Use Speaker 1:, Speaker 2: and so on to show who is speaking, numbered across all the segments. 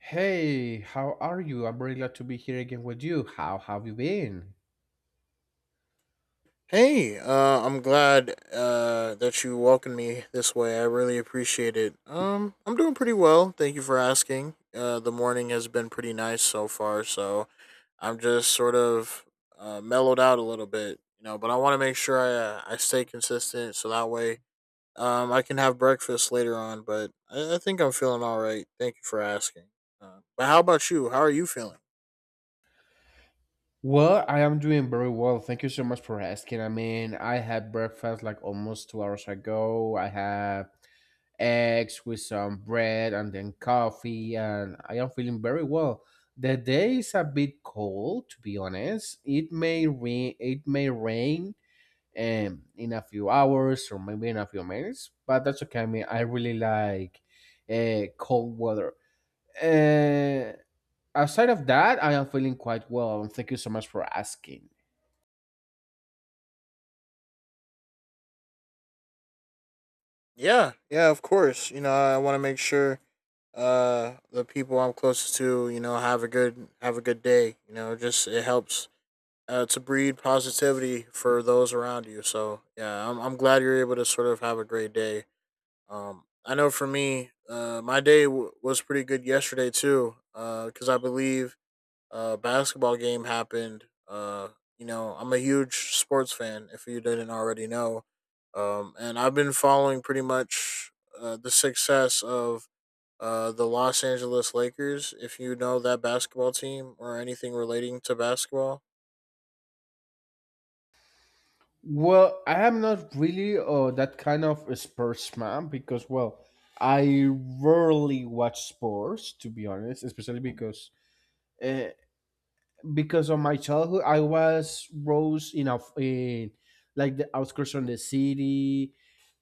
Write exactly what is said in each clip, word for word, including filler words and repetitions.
Speaker 1: Hey, how are you? I'm very glad to be here again with you. How have you been?
Speaker 2: Hey, uh, I'm glad uh, that you welcomed me this way. I really appreciate it. Um, I'm doing pretty well. Thank you for asking. Uh, the morning has been pretty nice so far, so I'm just sort of uh, mellowed out a little bit, you know. But I want to make sure I uh, I stay consistent, so that way um I can have breakfast later on. But I, I think I'm feeling all right. Thank you for asking. Uh, but how about you? How are you feeling?
Speaker 1: Well, I am doing very well. Thank you so much for asking. I mean, I had breakfast like almost two hours ago. I have eggs with some bread and then coffee, and I am feeling very well. The day is a bit cold, to be honest. It may rain. It may rain um, in a few hours or maybe in a few minutes, but that's okay. I mean, I really like uh, cold weather. Uh, aside of that, I am feeling quite well. And Thank you so much for asking.
Speaker 2: Yeah, yeah, of course. You know, I want to make sure uh the people I'm closest to, you know, have a good have a good day. You know, just it helps uh, to breed positivity for those around you. So yeah, I'm I'm glad you're able to sort of have a great day. Um, I know for me, uh, my day w- was pretty good yesterday too. Uh, because I believe uh, basketball game happened. Uh, you know, I'm a huge sports fan. If you didn't already know, um, and I've been following pretty much uh, the success of uh, the Los Angeles Lakers. If you know that basketball team or anything relating to basketball,
Speaker 1: Well, I am not really uh, that kind of a sports man because, well, I rarely watch sports to be honest, especially because uh, because of my childhood, I was rose in, a, in like the outskirts of the city.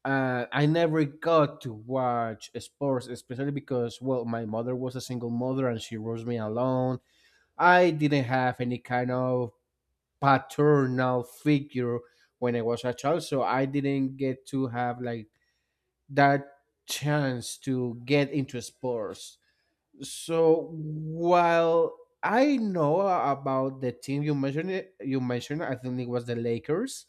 Speaker 1: Uh, I never got to watch sports, especially because, well, my mother was a single mother and she raised me alone. I didn't have any kind of paternal figure when I was a child, so I didn't get to have like that chance to get into sports. So while I know about the team you mentioned, it, you mentioned, I think it was the Lakers.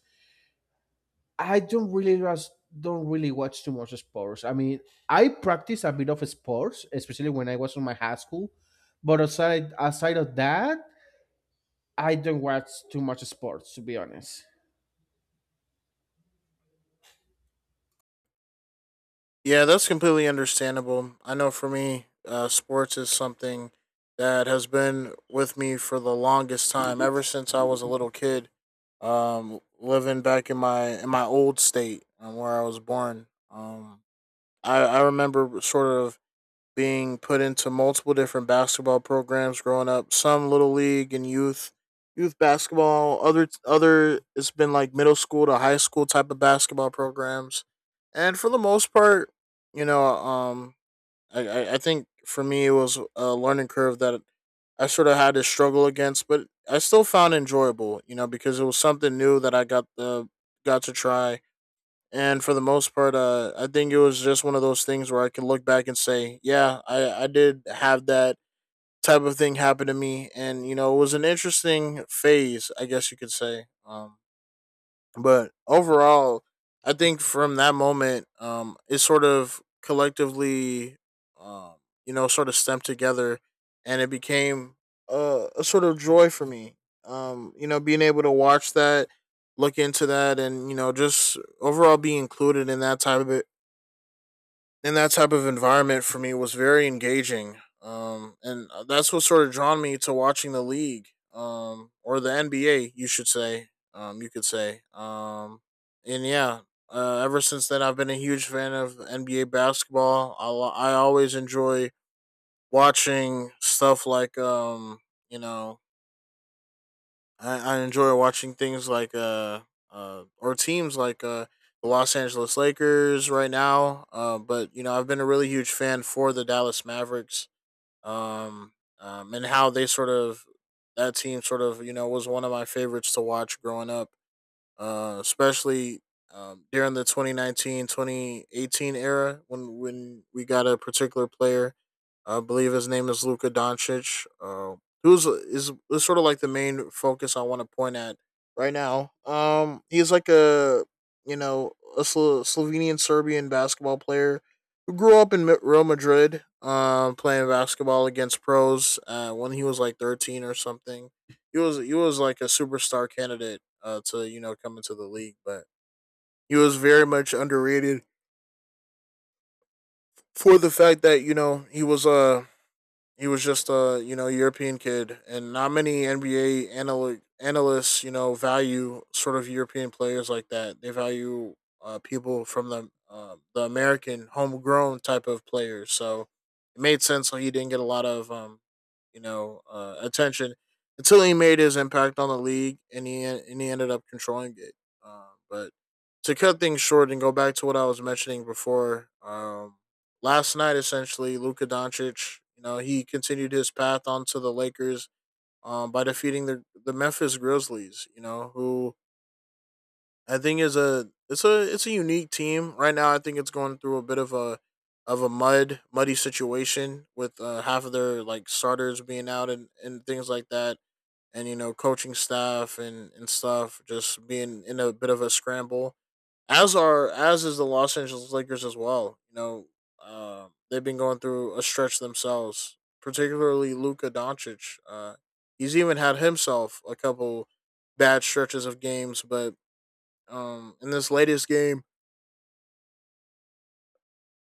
Speaker 1: I don't really was don't really watch too much sports. I mean, I practice a bit of sports, especially when I was in my high school. But aside aside of that, I don't watch too much sports, to be honest.
Speaker 2: yeah, that's completely understandable. I know for me, uh, sports is something that has been with me for the longest time, ever since I was a little kid, um, living back in my in my old state um, where I was born. Um, I, I remember sort of being put into multiple different basketball programs growing up. Some little league and youth youth basketball. Other other it's been like middle school to high school type of basketball programs. And for the most part, you know, um, I I, I think for me it was a learning curve that I sort of had to struggle against, but I still found enjoyable. You know, because it was something new that I got the got to try, and for the most part, uh, I think it was just one of those things where I can look back and say, yeah, I, I did have that type of thing happen to me, and you know, it was an interesting phase, I guess you could say. Um, but overall, I think from that moment, um, it sort of collectively, um, you know, sort of stemmed together, and it became a, a sort of joy for me. Um, you know, being able to watch that, look into that, and you know, just overall be included in that type of in that type of environment for me was very engaging. Um, and uh, that's what sort of drawn me to watching the league, um, or the N B A, you should say. Um, you could say. Um, and yeah, uh, ever since then, I've been a huge fan of N B A basketball. I, I always enjoy watching stuff like, um, you know, I, I enjoy watching things like uh, uh or teams like uh the Los Angeles Lakers right now. Uh, but you know, I've been a really huge fan for the Dallas Mavericks. Um, um, and how they sort of that team sort of you know was one of my favorites to watch growing up, uh, especially um, during the twenty nineteen-twenty eighteen era when when we got a particular player. I believe his name is Luka Doncic. Uh, who's is, is sort of like the main focus I want to point at right now. Um, he's like a you know a Slo- Slovenian Serbian basketball player who grew up in Real Madrid, um, playing basketball against pros uh, when he was like thirteen or something. He was he was like a superstar candidate uh, to you know come into the league, but he was very much underrated for the fact that you know he was a uh, he was just a you know European kid, and not many N B A analy- analysts you know value sort of European players like that. They value uh, people from the uh, the American homegrown type of players. So it made sense why he didn't get a lot of um, you know uh, attention until he made his impact on the league, and he en- and he ended up controlling it. Uh, but to cut things short and go back to what I was mentioning before, um, last night essentially Luka Doncic, you know, he continued his path onto the Lakers um, by defeating the the Memphis Grizzlies, you know, who I think is a it's a it's a unique team right now. I think it's going through a bit of a of a mud muddy situation with uh, half of their like starters being out, and, and things like that, and you know coaching staff and and stuff just being in a bit of a scramble. As are as is the Los Angeles Lakers as well. You know, uh, they've been going through a stretch themselves. Particularly Luka Doncic. Uh, he's even had himself a couple bad stretches of games, but um, in this latest game,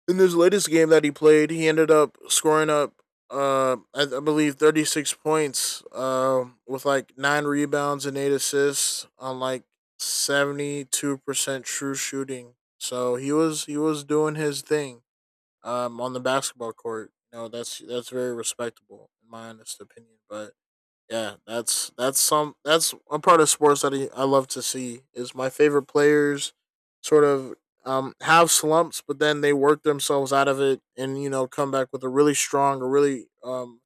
Speaker 2: in this latest game that he played, he ended up scoring up, uh, I, I believe, thirty-six points uh, with like nine rebounds and eight assists on like seventy-two percent true shooting. So he was he was doing his thing um, on the basketball court. You know, that's that's very respectable in my honest opinion. But yeah, that's that's some that's a part of sports that I I love to see is my favorite players sort of um have slumps, but then they work themselves out of it and you know come back with a really strong, a really um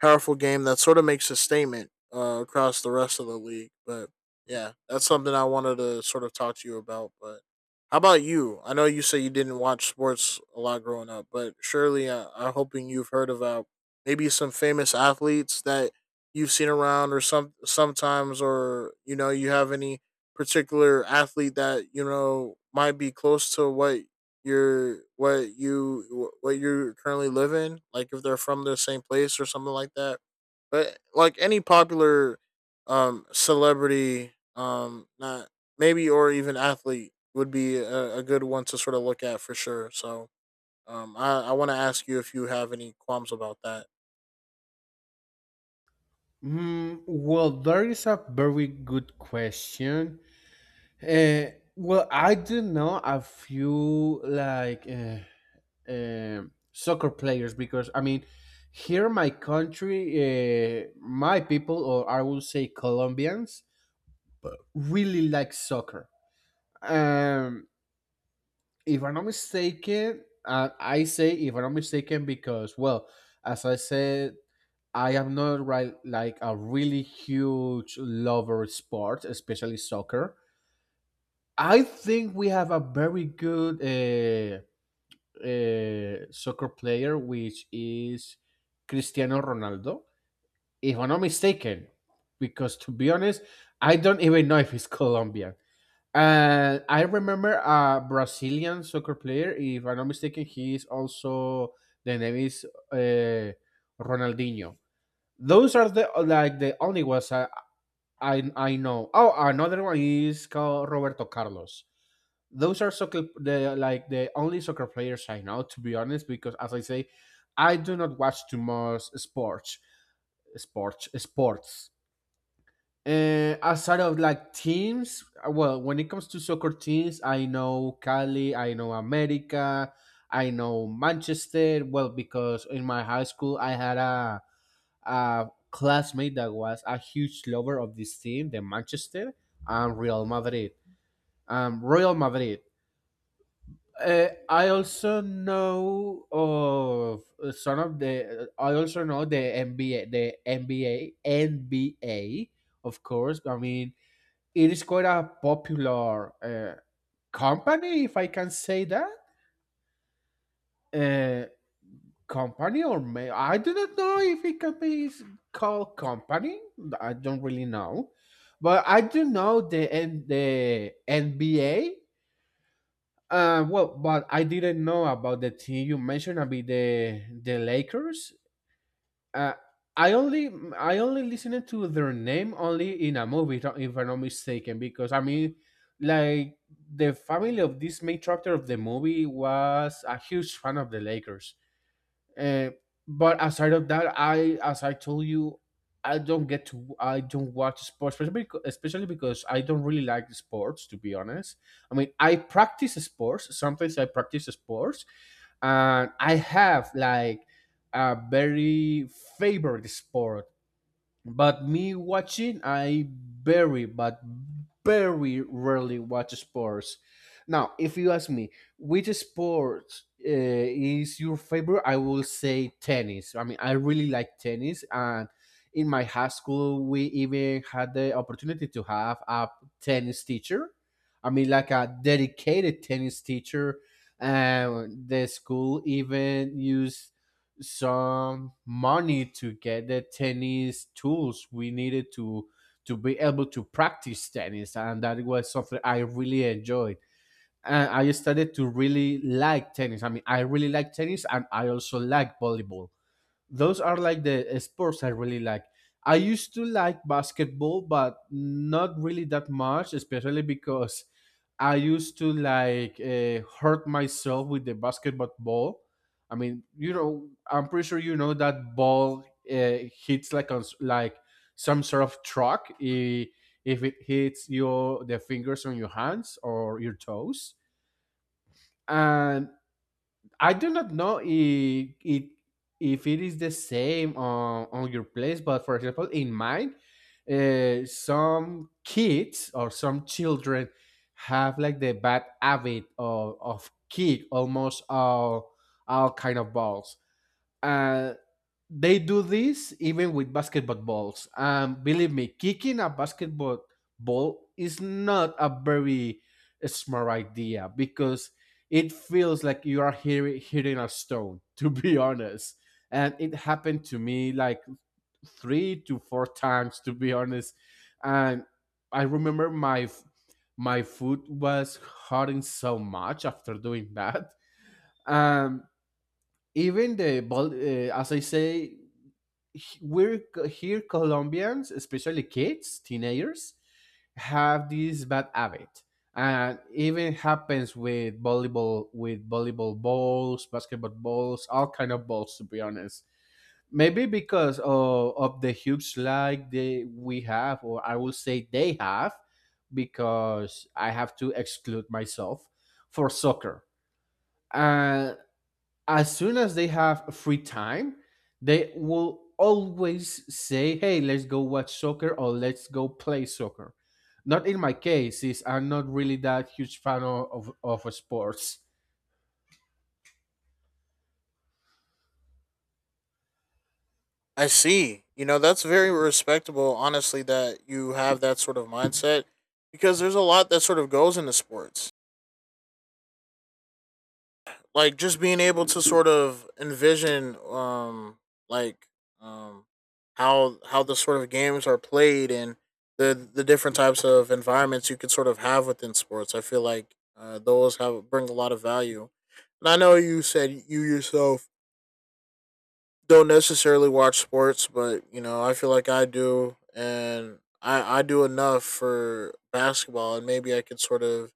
Speaker 2: powerful game that sort of makes a statement uh, across the rest of the league. But yeah, that's something I wanted to sort of talk to you about. But how about you? I know you say you didn't watch sports a lot growing up, but surely uh, I'm hoping you've heard about maybe some famous athletes that you've seen around or some sometimes, or you know, you have any particular athlete that you know might be close to what you're what you what you currently live in, like if they're from the same place or something like that, but like any popular um celebrity, um not maybe or even athlete would be a, a good one to sort of look at for sure. So um i i want to ask you if you have any qualms about that.
Speaker 1: Mm, well, there is a very good question. Uh, well, I do know a few like uh, um soccer players because I mean, here in my country, uh, my people, or I will say Colombians, really like soccer. Um, if I'm not mistaken, uh, I say if I'm not mistaken because, well, as I said I am not right like a really huge lover of sports, especially soccer. I think we have a very good uh, uh, soccer player, which is Cristiano Ronaldo, if I'm not mistaken. Because to be honest, I don't even know if he's Colombian. And I remember a Brazilian soccer player, if I'm not mistaken, he is also the name is uh, Ronaldinho. Those are the like the only ones I, I I know. Oh, another one is called Roberto Carlos. Those are soccer the like the only soccer players I know, to be honest. Because as I say, I do not watch too much sports, sports, sports. And outside of like teams, well, when it comes to soccer teams, I know Cali, I know America, I know Manchester. Well, because in my high school I had a a classmate that was a huge lover of this team, the Manchester and Real Madrid. Um, Real Madrid. Uh, I also know of some of the. I also know the N B A, the N B A, N B A. Of course, I mean it is quite a popular uh, company, if I can say that. Uh, company or may I do not know if it can be s- called company. I don't really know, but I do know the N- the N B A. Uh, well, but I didn't know about the team you mentioned. About the the Lakers. Uh, I only I only listened to their name only in a movie, if if I'm not mistaken, because I mean, like the family of this main character of the movie was a huge fan of the Lakers. Uh, but aside of that, I as I told you, I don't get to I don't watch sports, especially because, especially because I don't really like the sports. To be honest, I mean I practice sports. Sometimes I practice sports, and I have like a very favorite sport but me watching, I very, but very rarely watch sports. Now, if you ask me which sport uh, is your favorite, I will say tennis. I mean, I really like tennis, and in my high school, we even had the opportunity to have a tennis teacher. I mean, like a dedicated tennis teacher. And the school even used some money to get the tennis tools we needed to to be able to practice tennis, and that was something I really enjoyed. And I started to really like tennis. I mean, I really like tennis, and I also like volleyball. Those are like the uh, sports I really like. I used to like basketball, but not really that much, especially because I used to like uh, hurt myself with the basketball ball. I mean, you know, I'm pretty sure you know that ball uh, hits like on s- like some sort of truck i- if it hits your the fingers on your hands or your toes. And. I do not know if it if it is the same on, on your place, but for example, in mine, uh, some kids or some children have like the bad habit of, of kick almost all all kind of balls. Uh, they do this even with basketball balls. And um, believe me, kicking a basketball ball is not a very smart idea because it feels like you are hitting, hitting a stone, to be honest. And it happened to me like three to four times, to be honest. And I remember my my foot was hurting so much after doing that. Um, even the ball, uh, as I say, we're here Colombians, especially kids, teenagers have this bad habit, and even happens with volleyball, with volleyball balls, basketball balls, all kind of balls, to be honest. Maybe because of, of the huge lag they we have, or I will say they have, because I have to exclude myself for soccer. As soon as they have free time, they will always say, "Hey, let's go watch soccer or let's go play soccer." Not in my case, is I'm not really that huge fan of of, of sports.
Speaker 2: I see. You know, that's very respectable, honestly, that you have that sort of mindset because there's a lot that sort of goes into sports. Like just being able to sort of envision um like um how how the sort of games are played and the the different types of environments you could sort of have within sports. I feel like uh, those have bring a lot of value. And I know you said you yourself don't necessarily watch sports, but you know, I feel like I do, and I I do enough for basketball, and maybe I could sort of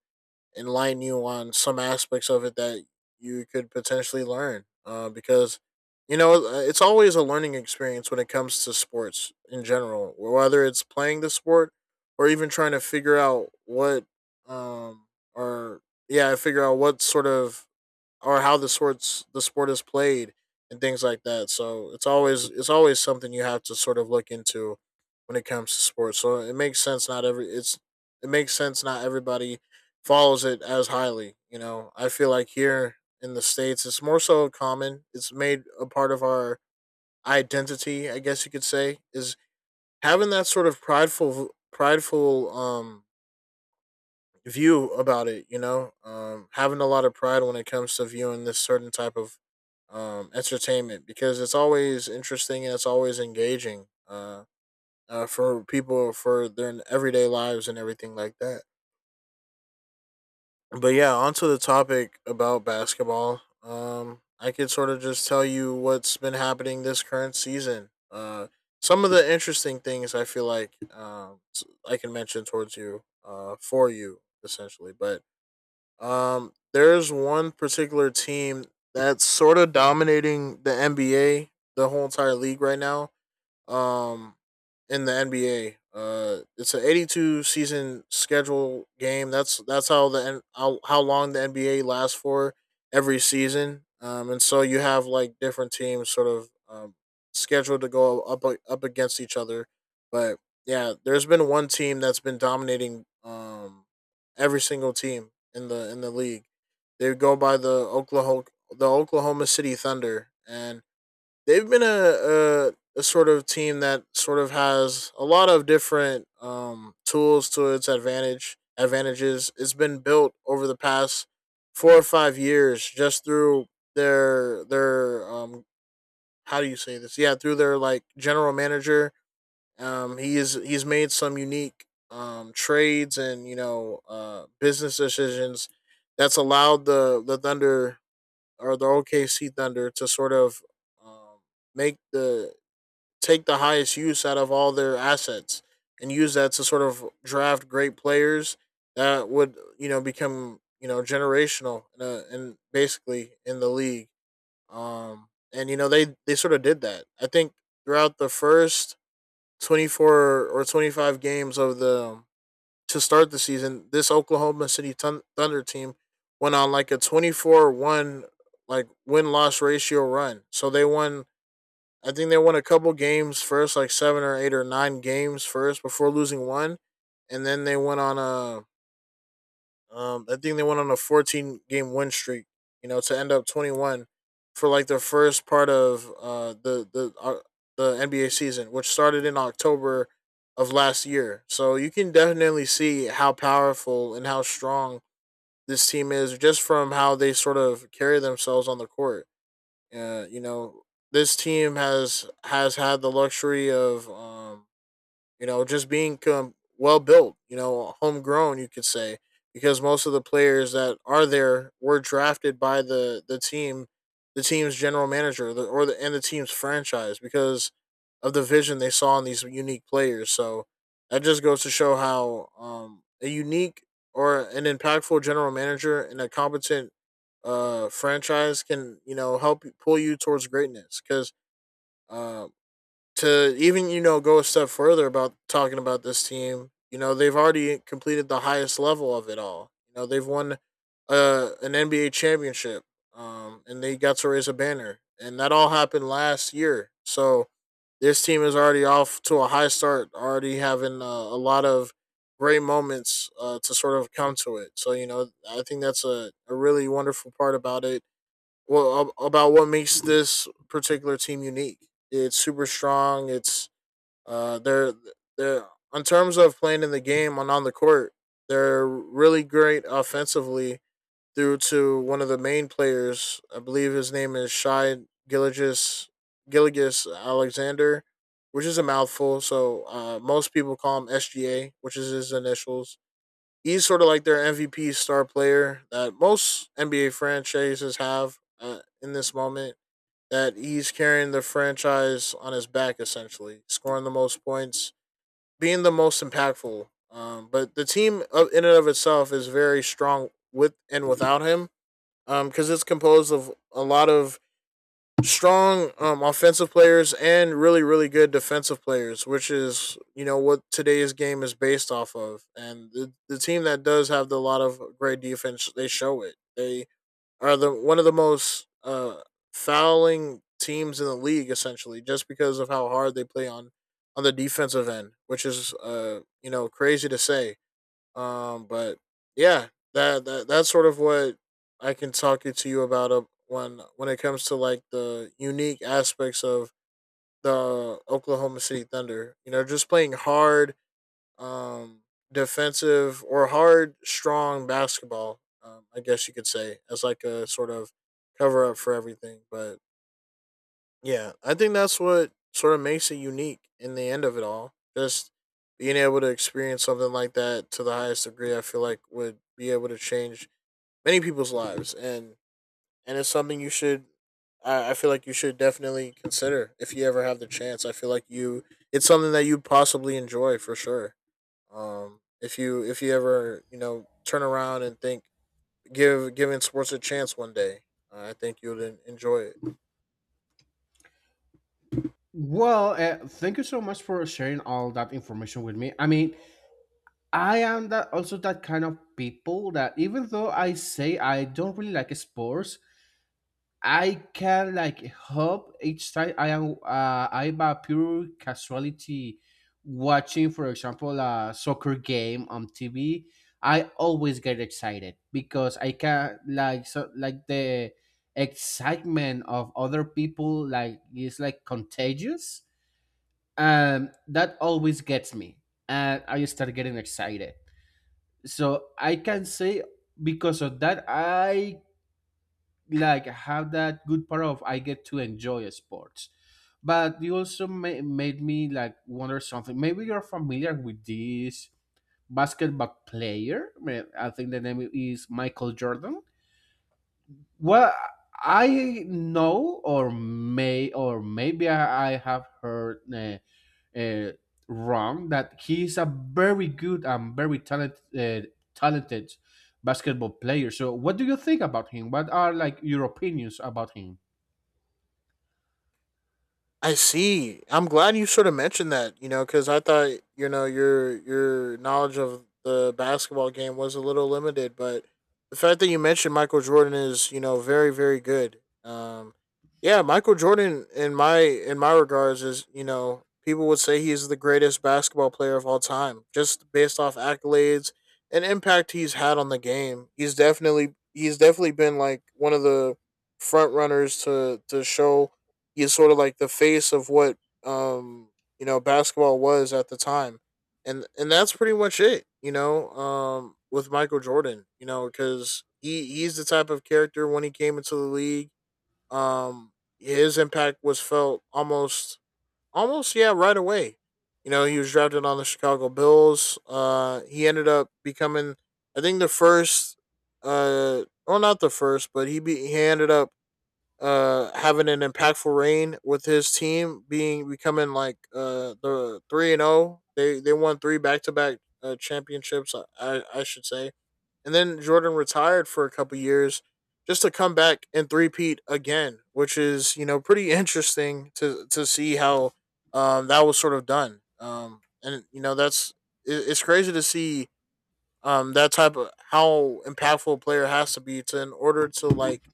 Speaker 2: enlighten you on some aspects of it that you could potentially learn. Uh, because you know, uh, it's always a learning experience when it comes to sports in general, whether it's playing the sport or even trying to figure out what um or yeah, figure out what sort of or how the sports the sport is played and things like that. So it's always it's always something you have to sort of look into when it comes to sports. So it makes sense not every it's it makes sense not everybody follows it as highly. You know, I feel like here in the states it's more so common. It's made a part of our identity, I guess you could say, is having that sort of prideful prideful um view about it. You know, um, having a lot of pride when it comes to viewing this certain type of um, entertainment because it's always interesting and it's always engaging uh, uh, for people for their everyday lives and everything like that. But yeah, onto the topic about basketball. Um, I could sort of just tell you what's been happening this current season. Uh, some of the interesting things I feel like um, I can mention towards you, uh, for you essentially. But um, there's one particular team that's sort of dominating the N B A, the whole entire league right now um in the N B A. Uh, it's an eighty-two season schedule game. That's that's how the how, how long the N B A lasts for every season. Um, and so you have like different teams sort of um, scheduled to go up up against each other. But yeah, there's been one team that's been dominating um every single team in the in the league. They go by the Oklahoma the Oklahoma City Thunder, and they've been a, a a sort of team that sort of has a lot of different um, tools to its advantage. Advantages. It's been built over the past four or five years just through their their um how do you say this? Yeah, through their like general manager. Um, he is he's made some unique um trades and you know uh business decisions that's allowed the the Thunder or the O K C Thunder to sort of um, make the take the highest use out of all their assets and use that to sort of draft great players that would you know become you know generational and uh, and basically in the league. Um, and you know they they sort of did that. I think throughout the first twenty four or twenty five games of the um, to start the season, this Oklahoma City Thunder team went on like a twenty four one like win-loss ratio run. So they won, I think they won a couple games first, like seven or eight or nine games first before losing one, and then they went on a, um, I think they went on a fourteen game win streak. You know, to end up twenty one for like the first part of uh the the uh, the N B A season, which started in October of last year. So you can definitely see how powerful and how strong this team is just from how they sort of carry themselves on the court. Uh, you know, this team has has had the luxury of um you know, just being com- well built. You know, homegrown. You could say, because most of the players that are there were drafted by the the team, the team's general manager, the, or the and the team's franchise because of the vision they saw in these unique players. So that just goes to show how um, a unique or an impactful general manager and a competent uh, franchise can you know help pull you towards greatness because. Uh, to even you know go a step further about talking about this team, you know they've already completed the highest level of it all. You know, they've won uh, an NBA championship, um, and they got to raise a banner, and that all happened last year. So this team is already off to a high start, already having uh, a lot of great moments uh, to sort of come to it. So you know I think that's a, a really wonderful part about it, well ab- about what makes this particular team unique. It's super strong. It's uh they're they're in terms of playing in the game and on the court, they're really great offensively due to one of the main players. I believe his name is Shy Gilligis Gilligis Alexander, which is a mouthful. So uh, most people call him S G A, which is his initials. He's sort of like their M V P star player that most N B A franchises have, uh, in this moment. That he's carrying the franchise on his back, essentially, scoring the most points, being the most impactful. Um, but the team of, in and of itself is very strong with and without him, because um, it's composed of a lot of strong um, offensive players and really really good defensive players, which is you know what today's game is based off of. And the, the team that does have a lot of great defense, they show it. They are the one of the most uh, fouling teams in the league, essentially just because of how hard they play on on the defensive end, which is uh you know crazy to say. um, but yeah, that, that that's sort of what I can talk it to you about, uh, when when it comes to like the unique aspects of the Oklahoma City Thunder. You know, just playing hard, um, defensive or hard, strong basketball. Um, I guess you could say as like a sort of cover up for everything. But yeah, I think that's what sort of makes it unique in the end of it all. Just being able to experience something like that to the highest degree, I feel like would be able to change many people's lives, and and it's something you should. I, I feel like you should definitely consider if you ever have the chance. I feel like you, it's something that you possibly enjoy for sure. Um, if you if you ever you know turn around and think give giving sports a chance one day, uh, I think you'll en- enjoy it.
Speaker 1: Well, uh, thank you so much for sharing all that information with me. I mean, I am that also that kind of people that even though I say I don't really like sports, I can like hope each time I am uh, I'm a pure casualty watching, for example, a soccer game on T V. I always get excited because I can like so like the excitement of other people like is like contagious. Um, that always gets me, and I start getting excited. So I can say because of that I like have that good part of I get to enjoy sports. But you also ma- made me like wonder something. Maybe you're familiar with this basketball player. Ma- I think the name is Michael Jordan. Well, I know, or may, or maybe I, I have heard uh, uh, wrong that he's a very good and very talented, uh, talented basketball player. So, what do you think about him? What are like your opinions about him?
Speaker 2: I see. I'm glad you sort of mentioned that, you know, because I thought, you know, your your knowledge of the basketball game was a little limited, but the fact that you mentioned Michael Jordan is, you know, very very good. Um, yeah, Michael Jordan in my in my regards is, you know, people would say he's the greatest basketball player of all time, just based off accolades and impact he's had on the game. He's definitely, he's definitely been like one of the front runners to to show he's sort of like the face of what um you know basketball was at the time. And and that's pretty much it, you know. Um with Michael Jordan, you know, because he he's the type of character when he came into the league. um his impact was felt almost, almost yeah, right away. You know, he was drafted on the Chicago Bills. Uh he ended up becoming, I think, the first, uh well not the first, but he be he ended up uh having an impactful reign with his team being becoming like uh the three and oh. They they won three back-to-back uh, championships, I, I I should say. And then Jordan retired for a couple years, just to come back and three-peat again, which is you know pretty interesting to to see how um that was sort of done. Um and you know that's, it, it's crazy to see um that type of, how impactful a player has to be to in order to like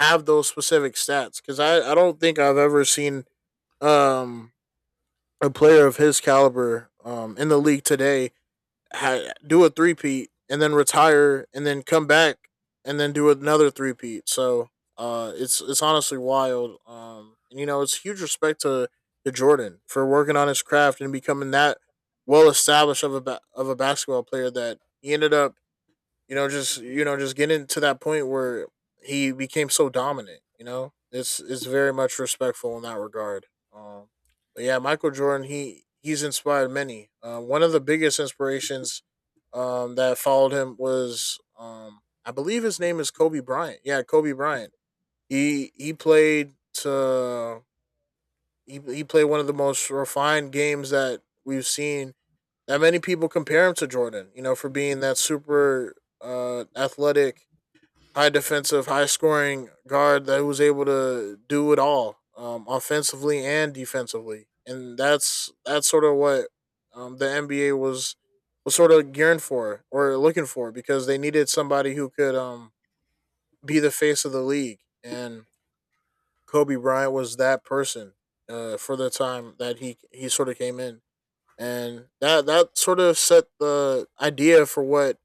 Speaker 2: have those specific stats. Because I, I don't think I've ever seen um a player of his caliber um in the league today ha- do a three peat and then retire and then come back and then do another three peat. So uh it's it's honestly wild. Um and you know, it's huge respect to to Jordan for working on his craft and becoming that well established of a ba- of a basketball player, that he ended up, you know, just you know, just getting to that point where he became so dominant. You know, it's it's very much respectful in that regard. Um, but yeah, Michael Jordan, he he's inspired many. Uh, one of the biggest inspirations um, that followed him was, um, I believe his name is Kobe Bryant. Yeah, Kobe Bryant. He he played to he, he played one of the most refined games that we've seen. That many people compare him to Jordan. You know, for being that super uh, athletic, high defensive, high scoring guard that was able to do it all, um, offensively and defensively. And that's that's sort of what um, the N B A was, was sort of gearing for or looking for, because they needed somebody who could um, be the face of the league, and Kobe Bryant was that person uh, for the time that he he sort of came in. And that that sort of set the idea for what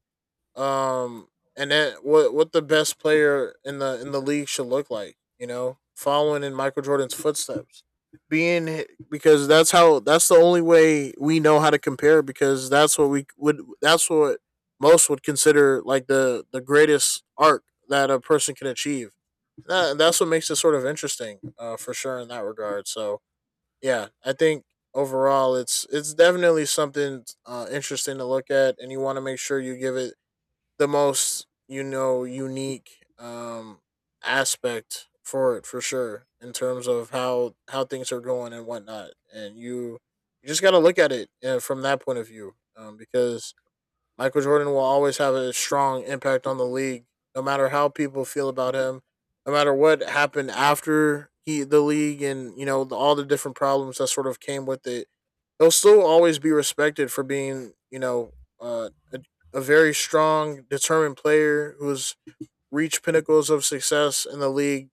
Speaker 2: um and that what what the best player in the in the league should look like, you know, following in Michael Jordan's footsteps. Being, because that's how, that's the only way we know how to compare, because that's what we would, that's what most would consider like the the greatest arc that a person can achieve. That, that's what makes it sort of interesting, uh for sure in that regard. So yeah, I think overall it's it's definitely something uh interesting to look at, and you want to make sure you give it the most you know unique um aspect for it for sure in terms of how how things are going and whatnot. And you you just got to look at it, uh, from that point of view. Um, because Michael Jordan will always have a strong impact on the league, no matter how people feel about him, no matter what happened after he the league, and you know the, all the different problems that sort of came with it. They'll still always be respected for being, you know, uh, a, a very strong, determined player who's reached pinnacles of success in the league,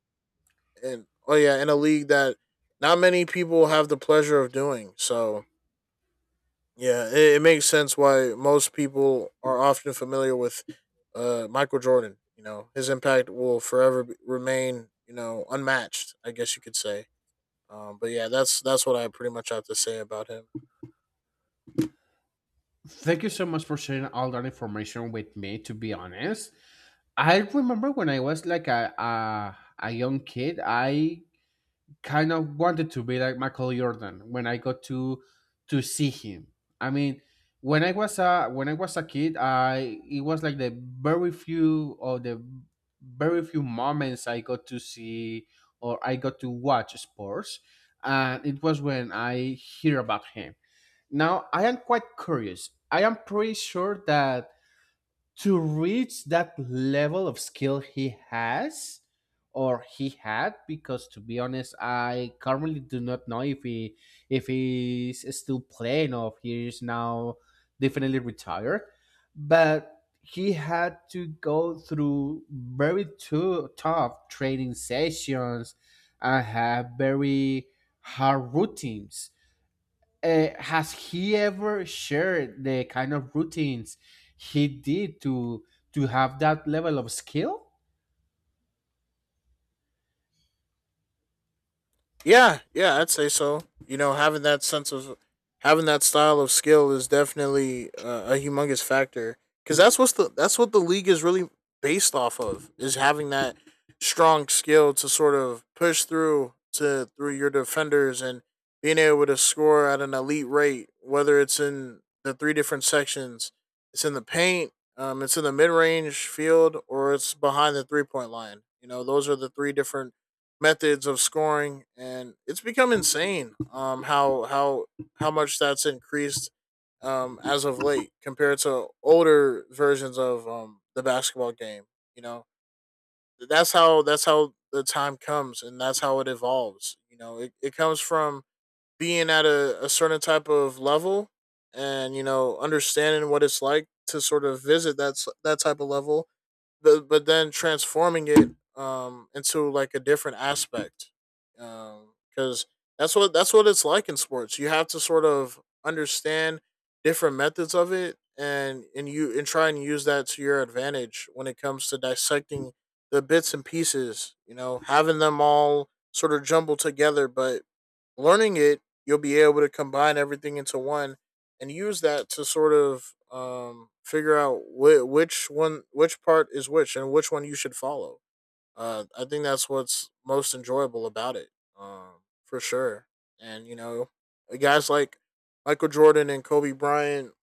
Speaker 2: and oh yeah, in a league that not many people have the pleasure of doing. So yeah, it, it makes sense why most people are often familiar with uh, Michael Jordan. You know, his impact will forever be- remain, you know, unmatched. I guess you could say. Um, but yeah, that's that's what I pretty much have to say about him.
Speaker 1: Thank you so much for sharing all that information with me. To be honest, I remember when I was like a a, a young kid, I kind of wanted to be like Michael Jordan when I got to to see him. I mean, when I was a when I was a kid, I it was like the very few or the very few moments I got to see or I got to watch sports, and it was when I hear about him. Now, I am quite curious. I am pretty sure that to reach that level of skill he has or he had, because to be honest, I currently do not know if he if he's still playing or if he is now definitely retired. But he had to go through very too tough training sessions and have very hard routines. uh, has he ever shared the kind of routines he did to to have that level of skill?
Speaker 2: Yeah, yeah, I'd say so. You know, having that sense of having that style of skill is definitely uh, a humongous factor because that's what's the that's what the league is really based off of is having that strong skill to sort of push through to through your defenders and being able to score at an elite rate, whether it's in the three different sections, it's in the paint, um, it's in the mid range field, or it's behind the three point line. You know, those are the three different methods of scoring, and it's become insane, um, how how how much that's increased um, as of late compared to older versions of um, the basketball game. You know, that's how that's how the time comes, and that's how it evolves. You know, it, it comes from being at a, a certain type of level, and you know, understanding what it's like to sort of visit that that type of level, the, but then transforming it um into like a different aspect um because that's what that's what it's like in sports. You have to sort of understand different methods of it, and and you and try and use that to your advantage when it comes to dissecting the bits and pieces, you know, having them all sort of jumbled together but learning it, you'll be able to combine everything into one and use that to sort of um, figure out whi which one, which part is which, and which one you should follow. Uh, I think that's what's most enjoyable about it, um, for sure. And you know, guys like Michael Jordan and Kobe Bryant,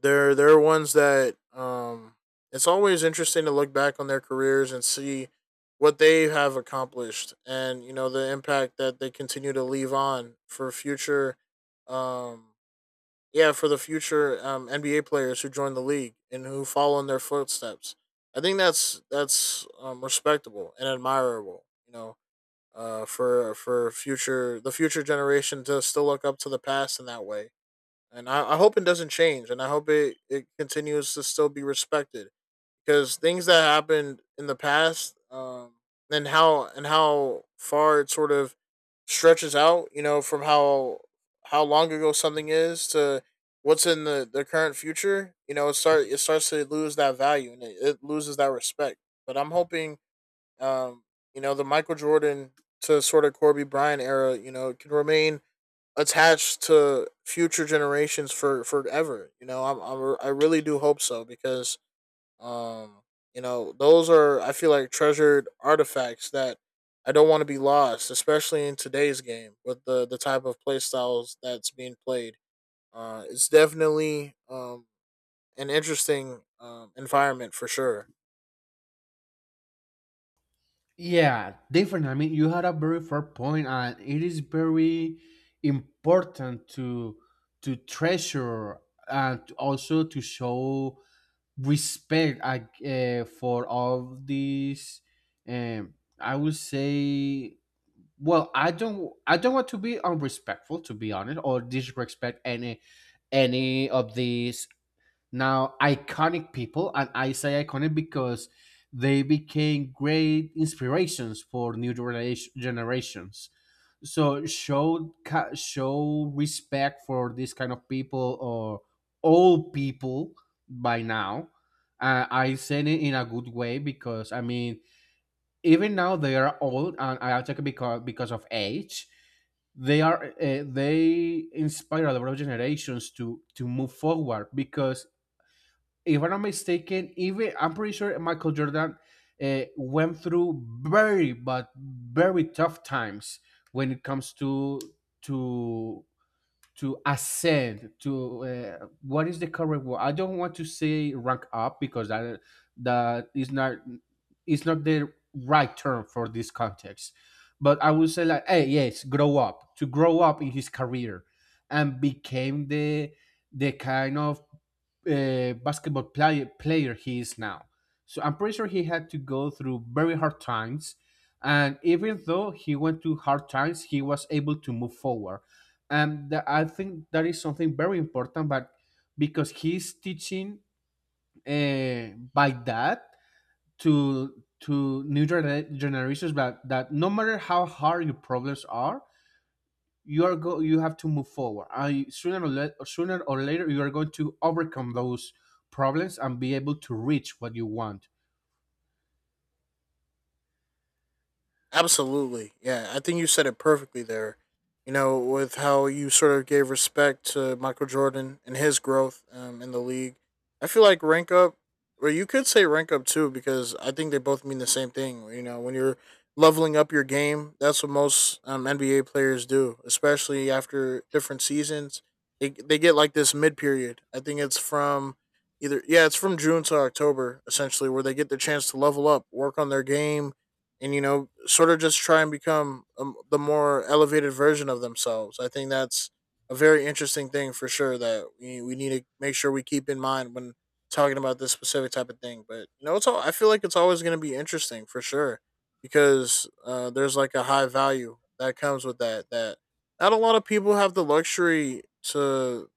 Speaker 2: they're they're ones that, um, it's always interesting to look back on their careers and see what they have accomplished, and you know the impact that they continue to leave on for future, um, yeah, for the future um, N B A players who join the league and who follow in their footsteps. I think that's that's um, respectable and admirable. You know, uh, for for future the future generation to still look up to the past in that way, and I, I hope it doesn't change, and I hope it it continues to still be respected, because things that happened in the past, um, and how and how far it sort of stretches out, you know, from how how long ago something is to what's in the, the current future. You know, it start it starts to lose that value, and it, it loses that respect. But I'm hoping, um, you know, the Michael Jordan to sort of Kobe Bryant era, you know, can remain attached to future generations for forever. You know, I'm, I'm I really do hope so because, um, you know, those are, I feel like, treasured artifacts that I don't want to be lost, especially in today's game with the the type of play styles that's being played. Uh, it's definitely, um, an interesting, um, environment for sure.
Speaker 1: Yeah, different. I mean, you had a very fair point, and it is very important to to treasure and also to show respect uh, uh, for all these. Um, I would say well, I don't I don't want to be unrespectful to be honest or disrespect any any of these now iconic people, and I say iconic because they became great inspirations for new genera- generations. So show ca- show respect for this kind of people or all people by now. Uh, I say it in a good way because I mean even now they are old and I attack because because of age. They are uh, they inspire a lot of generations to to move forward because if I'm not mistaken, even I'm pretty sure Michael Jordan uh, went through very but very tough times when it comes to to to ascend to uh, what is the correct word. I don't want to say rank up because that that is not it's not the right term for this context, but I would say like hey yes grow up to grow up in his career and became the the kind of uh, basketball play- player he is now. So I'm pretty sure he had to go through very hard times, and even though he went through hard times, he was able to move forward. And tha- I think that is something very important, but because he's teaching uh, by that to to new gener- generations that, that no matter how hard your problems are you are go you have to move forward. I sooner or, le- sooner or later you are going to overcome those problems and be able to reach what you want.
Speaker 2: Absolutely. Yeah, I think you said it perfectly there. You know, with how you sort of gave respect to Michael Jordan and his growth, um, in the league. I feel like rank up, or you could say rank up too, because I think they both mean the same thing. You know, when you're leveling up your game, that's what most, um, N B A players do, especially after different seasons. They, they get like this mid period. I think it's from, either, yeah, it's from June to October, essentially, where they get the chance to level up, work on their game, and you know, sort of just try and become, um, the more elevated version of themselves. I think that's a very interesting thing for sure that we, we need to make sure we keep in mind when talking about this specific type of thing. But you know, it's all, I feel like it's always going to be interesting for sure, because uh, there's like a high value that comes with that that not a lot of people have the luxury to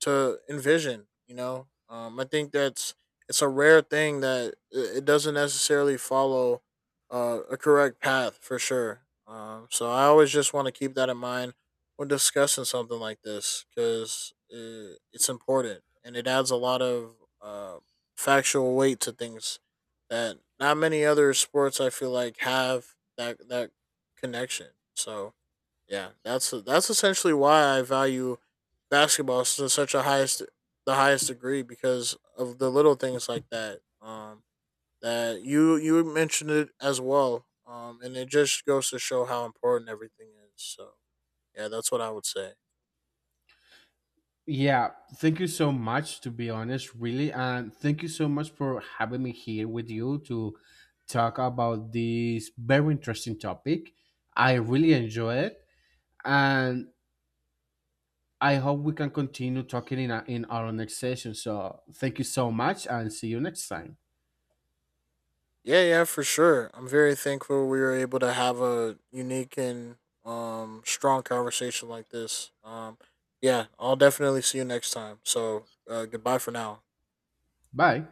Speaker 2: to envision. You know, um, I think that's, it's a rare thing that i- it doesn't necessarily follow uh, a correct path for sure. Um, so I always just want to keep that in mind when discussing something like this, because uh, it's important and it adds a lot of, uh, factual weight to things that not many other sports, I feel like, have that that connection. So yeah, that's that's essentially why I value basketball to such a highest the highest degree, because of the little things like that. Um, that you you mentioned it as well. Um, and it just goes to show how important everything is. So yeah, that's what I would say.
Speaker 1: Yeah, thank you so much, to be honest, really, and thank you so much for having me here with you to talk about this very interesting topic. I really enjoy it, and I hope we can continue talking in, our in our next session. So thank you so much and see you next time.
Speaker 2: Yeah, yeah, for sure. I'm very thankful we were able to have a unique and, um, strong conversation like this. Um, yeah, I'll definitely see you next time. So uh, goodbye for now.
Speaker 1: Bye.